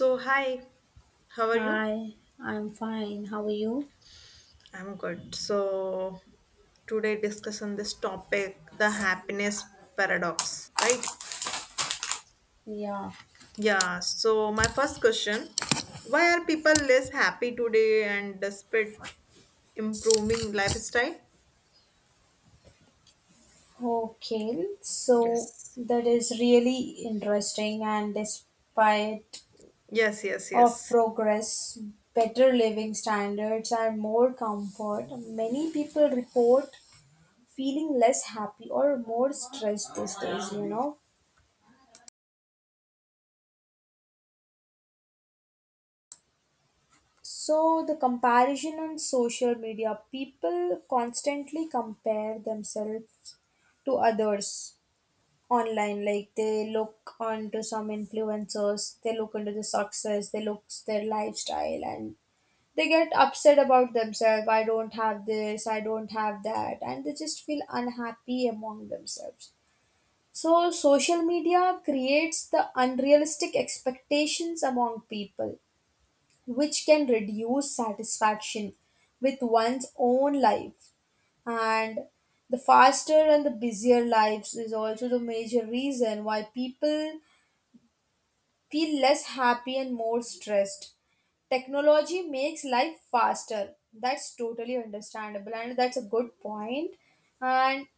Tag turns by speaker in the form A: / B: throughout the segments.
A: So, hi, how are you?
B: Hi, I'm fine. How are you?
A: I'm good. So, today discussion this topic, the happiness paradox, right?
B: Yeah,
A: Yeah, so my first question, why are people less happy today and despite improving lifestyle?
B: okay. So
A: Yes.
B: that is really interesting and despite
A: Yes, yes,
B: of
A: yes.
B: progress, better living standards and more comfort, many people report feeling less happy or more stressed these days, you know. So the comparison on social media, people constantly compare themselves to others online, like they look onto some influencers, they look into the success, they look their lifestyle, and they get upset about themselves. I don't have this, I don't have that, and they just feel unhappy among themselves. So social media creates the unrealistic expectations among people, which can reduce satisfaction with one's own life. And the faster and the busier lives is also the major reason why people feel less happy and more stressed. Technology makes life faster. That's totally understandable, and that's a good point. And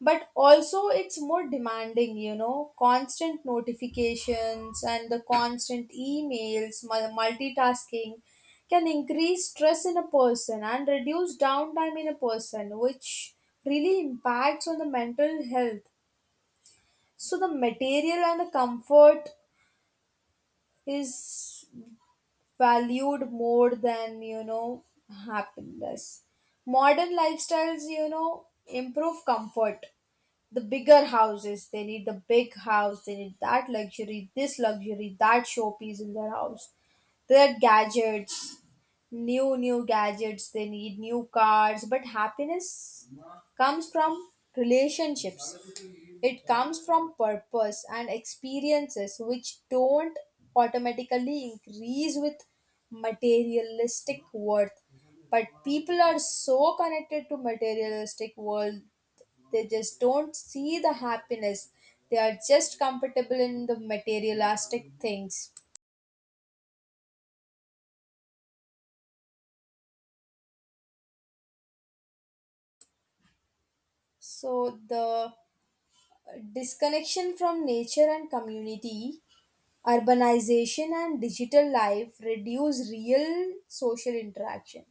B: but also it's more demanding, you know, constant notifications and the constant emails, multitasking can increase stress in a person and reduce downtime in a person, which really impacts on the mental health. So the material and the comfort is valued more than, you know, happiness. Modern lifestyles, you know, improve comfort, the bigger houses. They need the big house, they need that luxury, this luxury, that showpiece in their house. Their gadgets, new gadgets, they need new cars. But happiness comes from relationships, it comes from purpose and experiences, which don't automatically increase with materialistic worth, but people are so connected to materialistic world they just don't see the happiness. They are just comfortable in the materialistic things. So the disconnection from nature and community, urbanization and digital life reduce real social interaction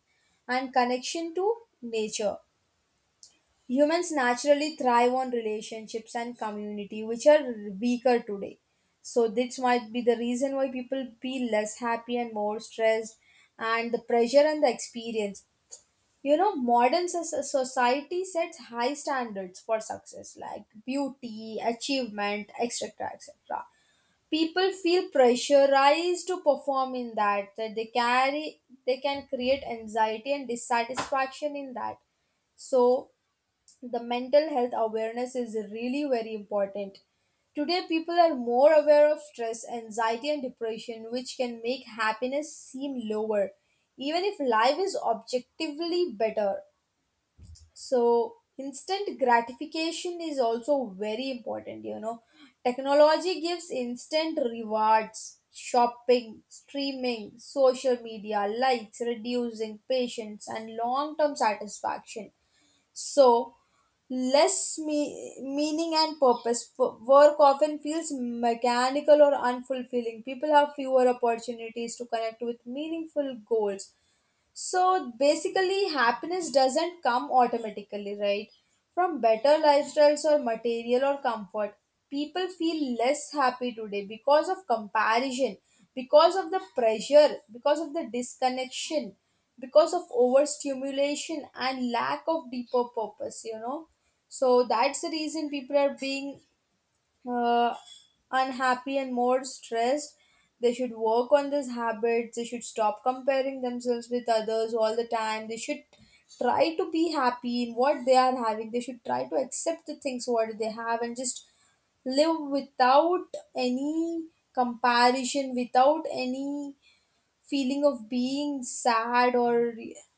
B: and connection to nature. Humans naturally thrive on relationships and community, which are weaker today. So, this might be the reason why people feel less happy and more stressed, and the pressure and the experience. You know, modern society sets high standards for success, like beauty, achievement, etc. etc. People feel pressurized to perform in that, that they carry, they can create anxiety and dissatisfaction in that. So the mental health awareness is really very important. Today, people are more aware of stress, anxiety, and depression, which can make happiness seem lower, even if life is objectively better. So, instant gratification is also very important. You know, technology gives instant rewards, shopping, streaming, social media, likes, reducing patience and long term satisfaction. So, meaning and purpose. Work often feels mechanical or unfulfilling. People have fewer opportunities to connect with meaningful goals. So basically, happiness doesn't come automatically, right? From better lifestyles or material or comfort. People feel less happy today because of comparison, because of the pressure, because of the disconnection, because of overstimulation and lack of deeper purpose, you know. So that's the reason people are being uh, unhappy and more stressed. They should work on these habits. They should stop comparing themselves with others all the time. They should try to be happy in what they are having. They should try to accept the things what they have and just live without any comparison, without any feeling of being sad or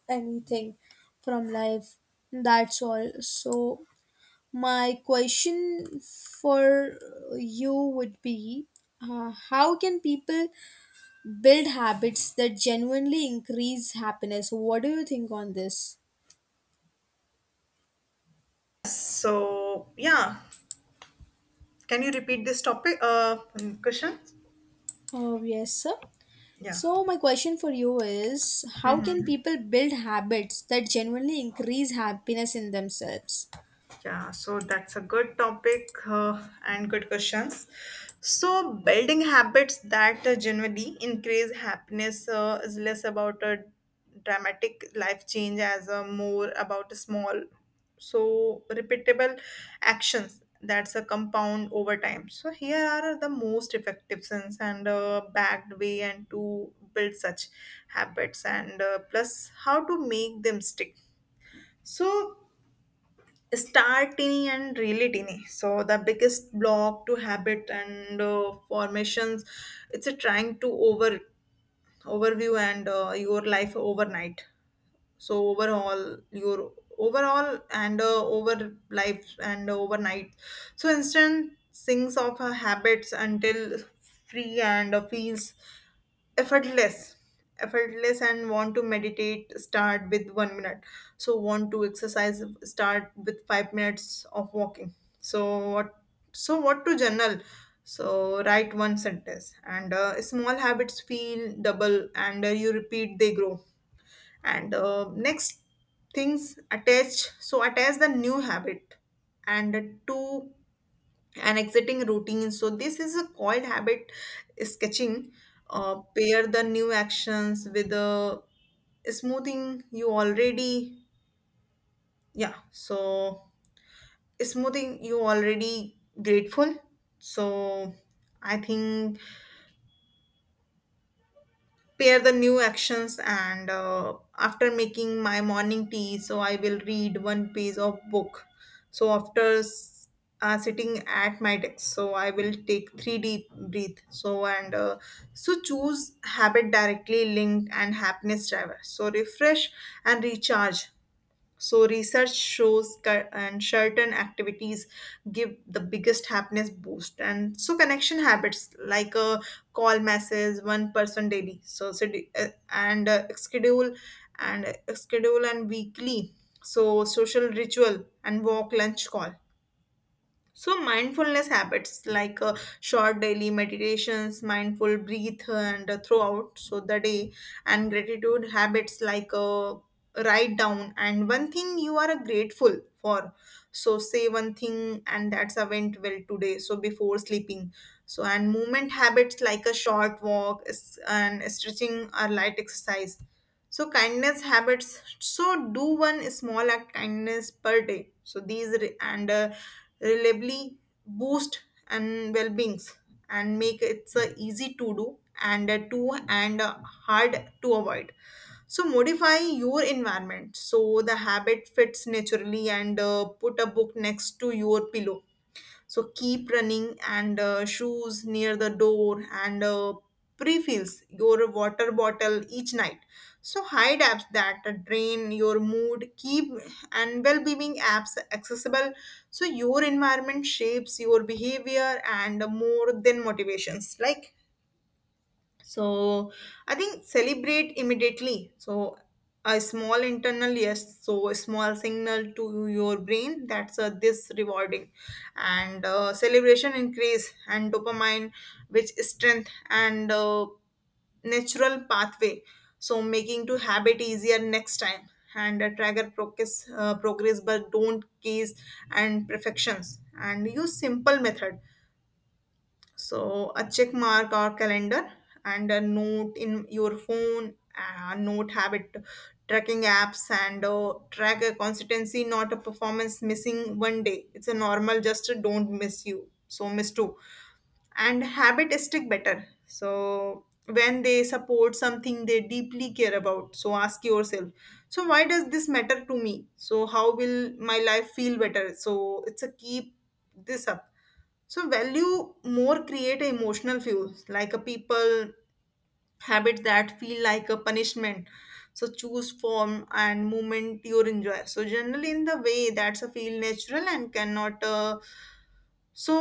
B: anything from life. That's all. So my question for you would be, how can people build habits that genuinely increase happiness? What do you think on this?
A: So, yeah, can you repeat this topic question?
B: Oh, yes, sir.
A: Yeah.
B: So, my question for you is how can people build habits that genuinely increase happiness in themselves?
A: Yeah, so that's a good topic and good questions. So, building habits that generally increase happiness is less about a dramatic life change as a more about a small, so repeatable actions that's a compound over time. So, here are the most effective sense and backed way and to build such habits and plus how to make them stick. So start teeny and really teeny so the biggest block to habit and formations it's a trying to overview and your life overnight so overall your overall and over life and overnight so instant sinks of her habits until free and feels effortless and want to meditate start with one minute so want to exercise start with 5 minutes of walking so what so what to journal so write one sentence and small habits feel double and you repeat they grow and next things attach so attach the new habit and to an exiting routine so this is a called habit sketching pair the new actions with the smoothing you already yeah so smoothing you already grateful so I think pair the new actions and after making my morning tea so I will read one page of book so after sitting at my desk so I will take three deep breath so and so choose habit directly linked and happiness driver so refresh and recharge so research shows cur- and certain activities give the biggest happiness boost. And so connection habits like a call message one person daily. So sed- and schedule and weekly. So social ritual and walk lunch call. So mindfulness habits like short daily meditations, mindful breath, and throughout so the day, and gratitude habits like write down and one thing you are grateful for. So say one thing, and that's a went well today. So before sleeping, so and movement habits like a short walk and stretching or light exercise. So kindness habits. So do one small act kindness per day. So these re- and reliably boost and well beings and make it's easy to do and to and hard to avoid. So modify your environment so the habit fits naturally and put a book next to your pillow so keep running and shoes near the door and pre-fills your water bottle each night. So hide apps that drain your mood, keep and well-being apps accessible. So your environment shapes your behavior and more than motivations. Like so I think celebrate immediately. So a small internal yes, so a small signal to your brain that's this rewarding, and celebration increase and dopamine, which strength and natural pathway. So making to habit easier next time and trigger progress, but don't case and perfections. And use simple method so a check mark or calendar and a note in your phone, a note habit tracking apps and track a consistency, not a performance missing one day. It's a normal, just don't miss you. So miss two. And habit stick better. So when they support something they deeply care about. So ask yourself, so why does this matter to me? So how will my life feel better? So it's a keep this up so value more create a emotional fuels like a people habit that feel like a punishment. So choose form and movement you enjoy. So generally in the way that's a feel natural and cannot so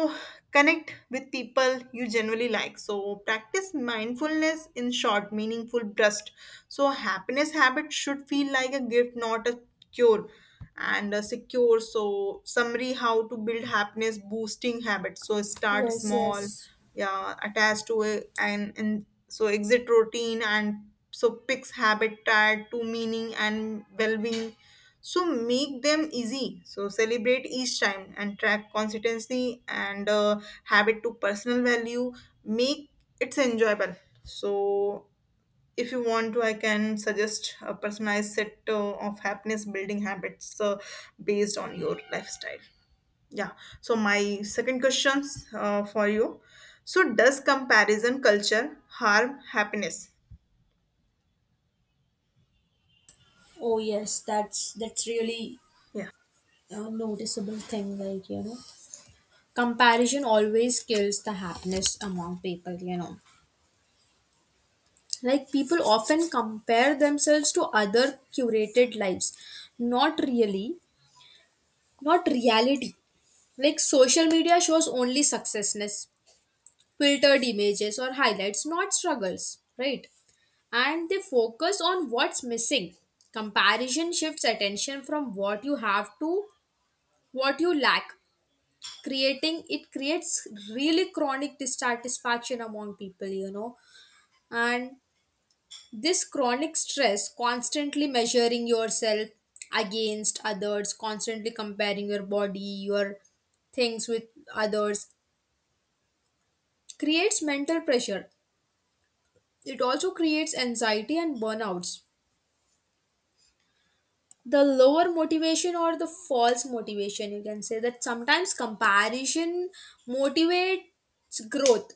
A: connect with people you generally like. So practice mindfulness in short, meaningful burst. So happiness habit should feel like a gift, not a cure. And a secure. So summary: how to build happiness boosting habits. So start
B: Yes,
A: small,
B: yes.
A: yeah, attached to it, and so exit routine and so picks habit tied to meaning and well-being so make them easy. So celebrate each time and track consistency and habit to personal value. Make it's enjoyable. So if you want to, I can suggest a personalized set of happiness building habits based on your lifestyle. Yeah. So my second questions for you. So does comparison culture harm happiness?
B: Oh, yes. That's really
A: Yeah.
B: a noticeable thing. Like, you know. Comparison always kills the happiness among people, you know. Like, people often compare themselves to other curated lives. Not really, not reality. Like, social media shows only successness, filtered images or highlights, not struggles, right? And they focus on what's missing. Comparison shifts attention from what you have to what you lack. Creating it creates really chronic dissatisfaction among people, you know. And this chronic stress, constantly measuring yourself against others, constantly comparing your body, your things with others, creates mental pressure. It also creates anxiety and burnouts. The lower motivation or the false motivation, you can say that sometimes comparison motivates growth,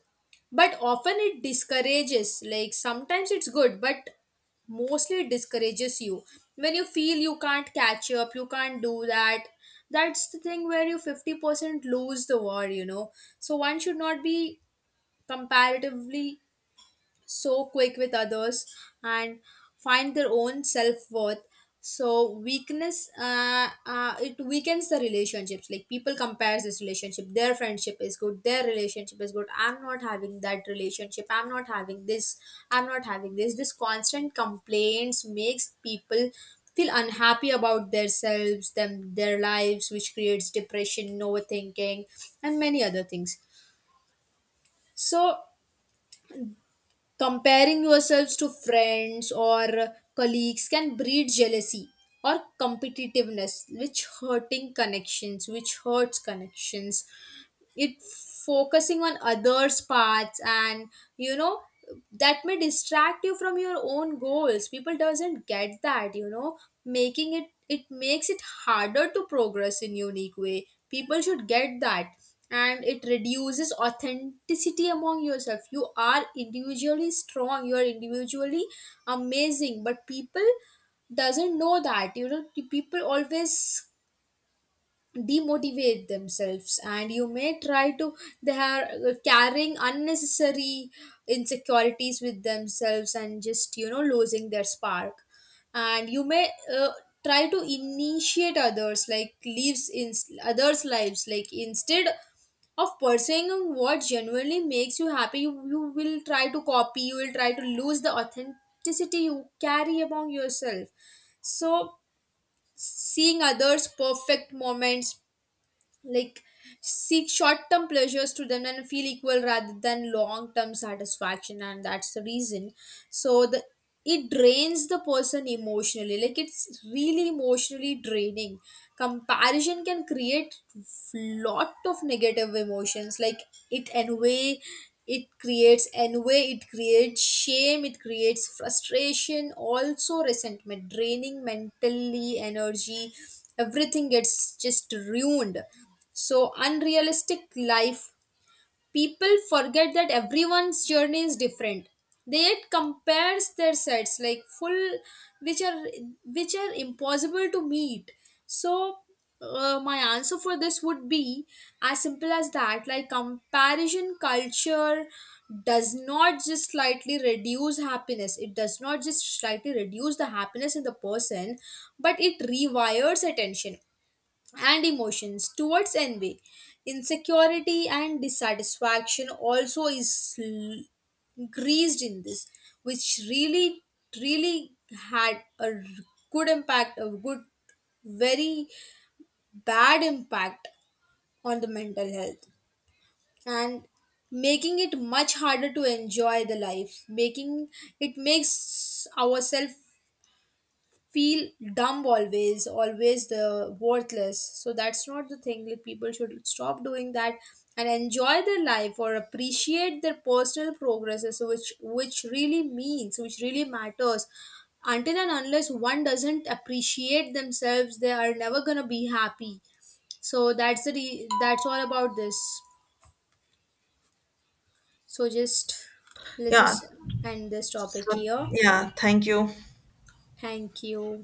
B: but often it discourages. Like, sometimes it's good, but mostly it discourages you when you feel you can't catch up, you can't do that. That's the thing where you 50% lose the war, you know. So one should not be comparatively so quick with others and find their own self-worth. So weakness, it weakens the relationships. Like people compares this relationship, their friendship is good, their relationship is good, I'm not having that relationship, I'm not having this, I'm not having this. This constant complaints makes people feel unhappy about themselves, them, their lives, which creates depression, overthinking and many other things. So comparing yourselves to friends or colleagues can breed jealousy or competitiveness, which hurting connections, which hurts connections. It focusing on others paths and, you know, that may distract you from your own goals. People doesn't get that, you know. Making it, it makes it harder to progress in unique way. People should get that. And it reduces authenticity among yourself. You are individually strong, you are individually amazing, but people doesn't know that, you know. The people always demotivate themselves and you may try to, they are carrying unnecessary insecurities with themselves and just, you know, losing their spark. And you may try to initiate others like lives in others lives. Like, instead of pursuing what genuinely makes you happy, you will try to copy, you will try to lose the authenticity you carry among yourself. So seeing others perfect moments, like, seek short-term pleasures to them and feel equal rather than long-term satisfaction, and that's the reason. So the it drains the person emotionally. Like, it's really emotionally draining. Comparison can create lot of negative emotions, like it envy, it creates envy, it creates shame, it creates frustration, also resentment, draining mentally energy, everything gets just ruined. So unrealistic life, people forget that everyone's journey is different. They yet compares their sets like full, which are which are impossible to meet. So, my answer for this would be as simple as that. Like, comparison culture does not just slightly reduce happiness, it does not just slightly reduce the happiness in the person, but it rewires attention and emotions towards envy, insecurity and dissatisfaction, also is greased in this, which really really had a good impact, a good, very bad impact on the mental health, and making it much harder to enjoy the life, making it, makes ourselves feel dumb always, always the worthless. So that's not the thing. Like, people should stop doing that and enjoy their life or appreciate their personal progresses, which really means, which really matters. Until and unless one doesn't appreciate themselves, they are never going to be happy. So that's all about this. So just, let's
A: Yeah.
B: just end this topic
A: So
B: here.
A: yeah. Thank you.
B: Thank you.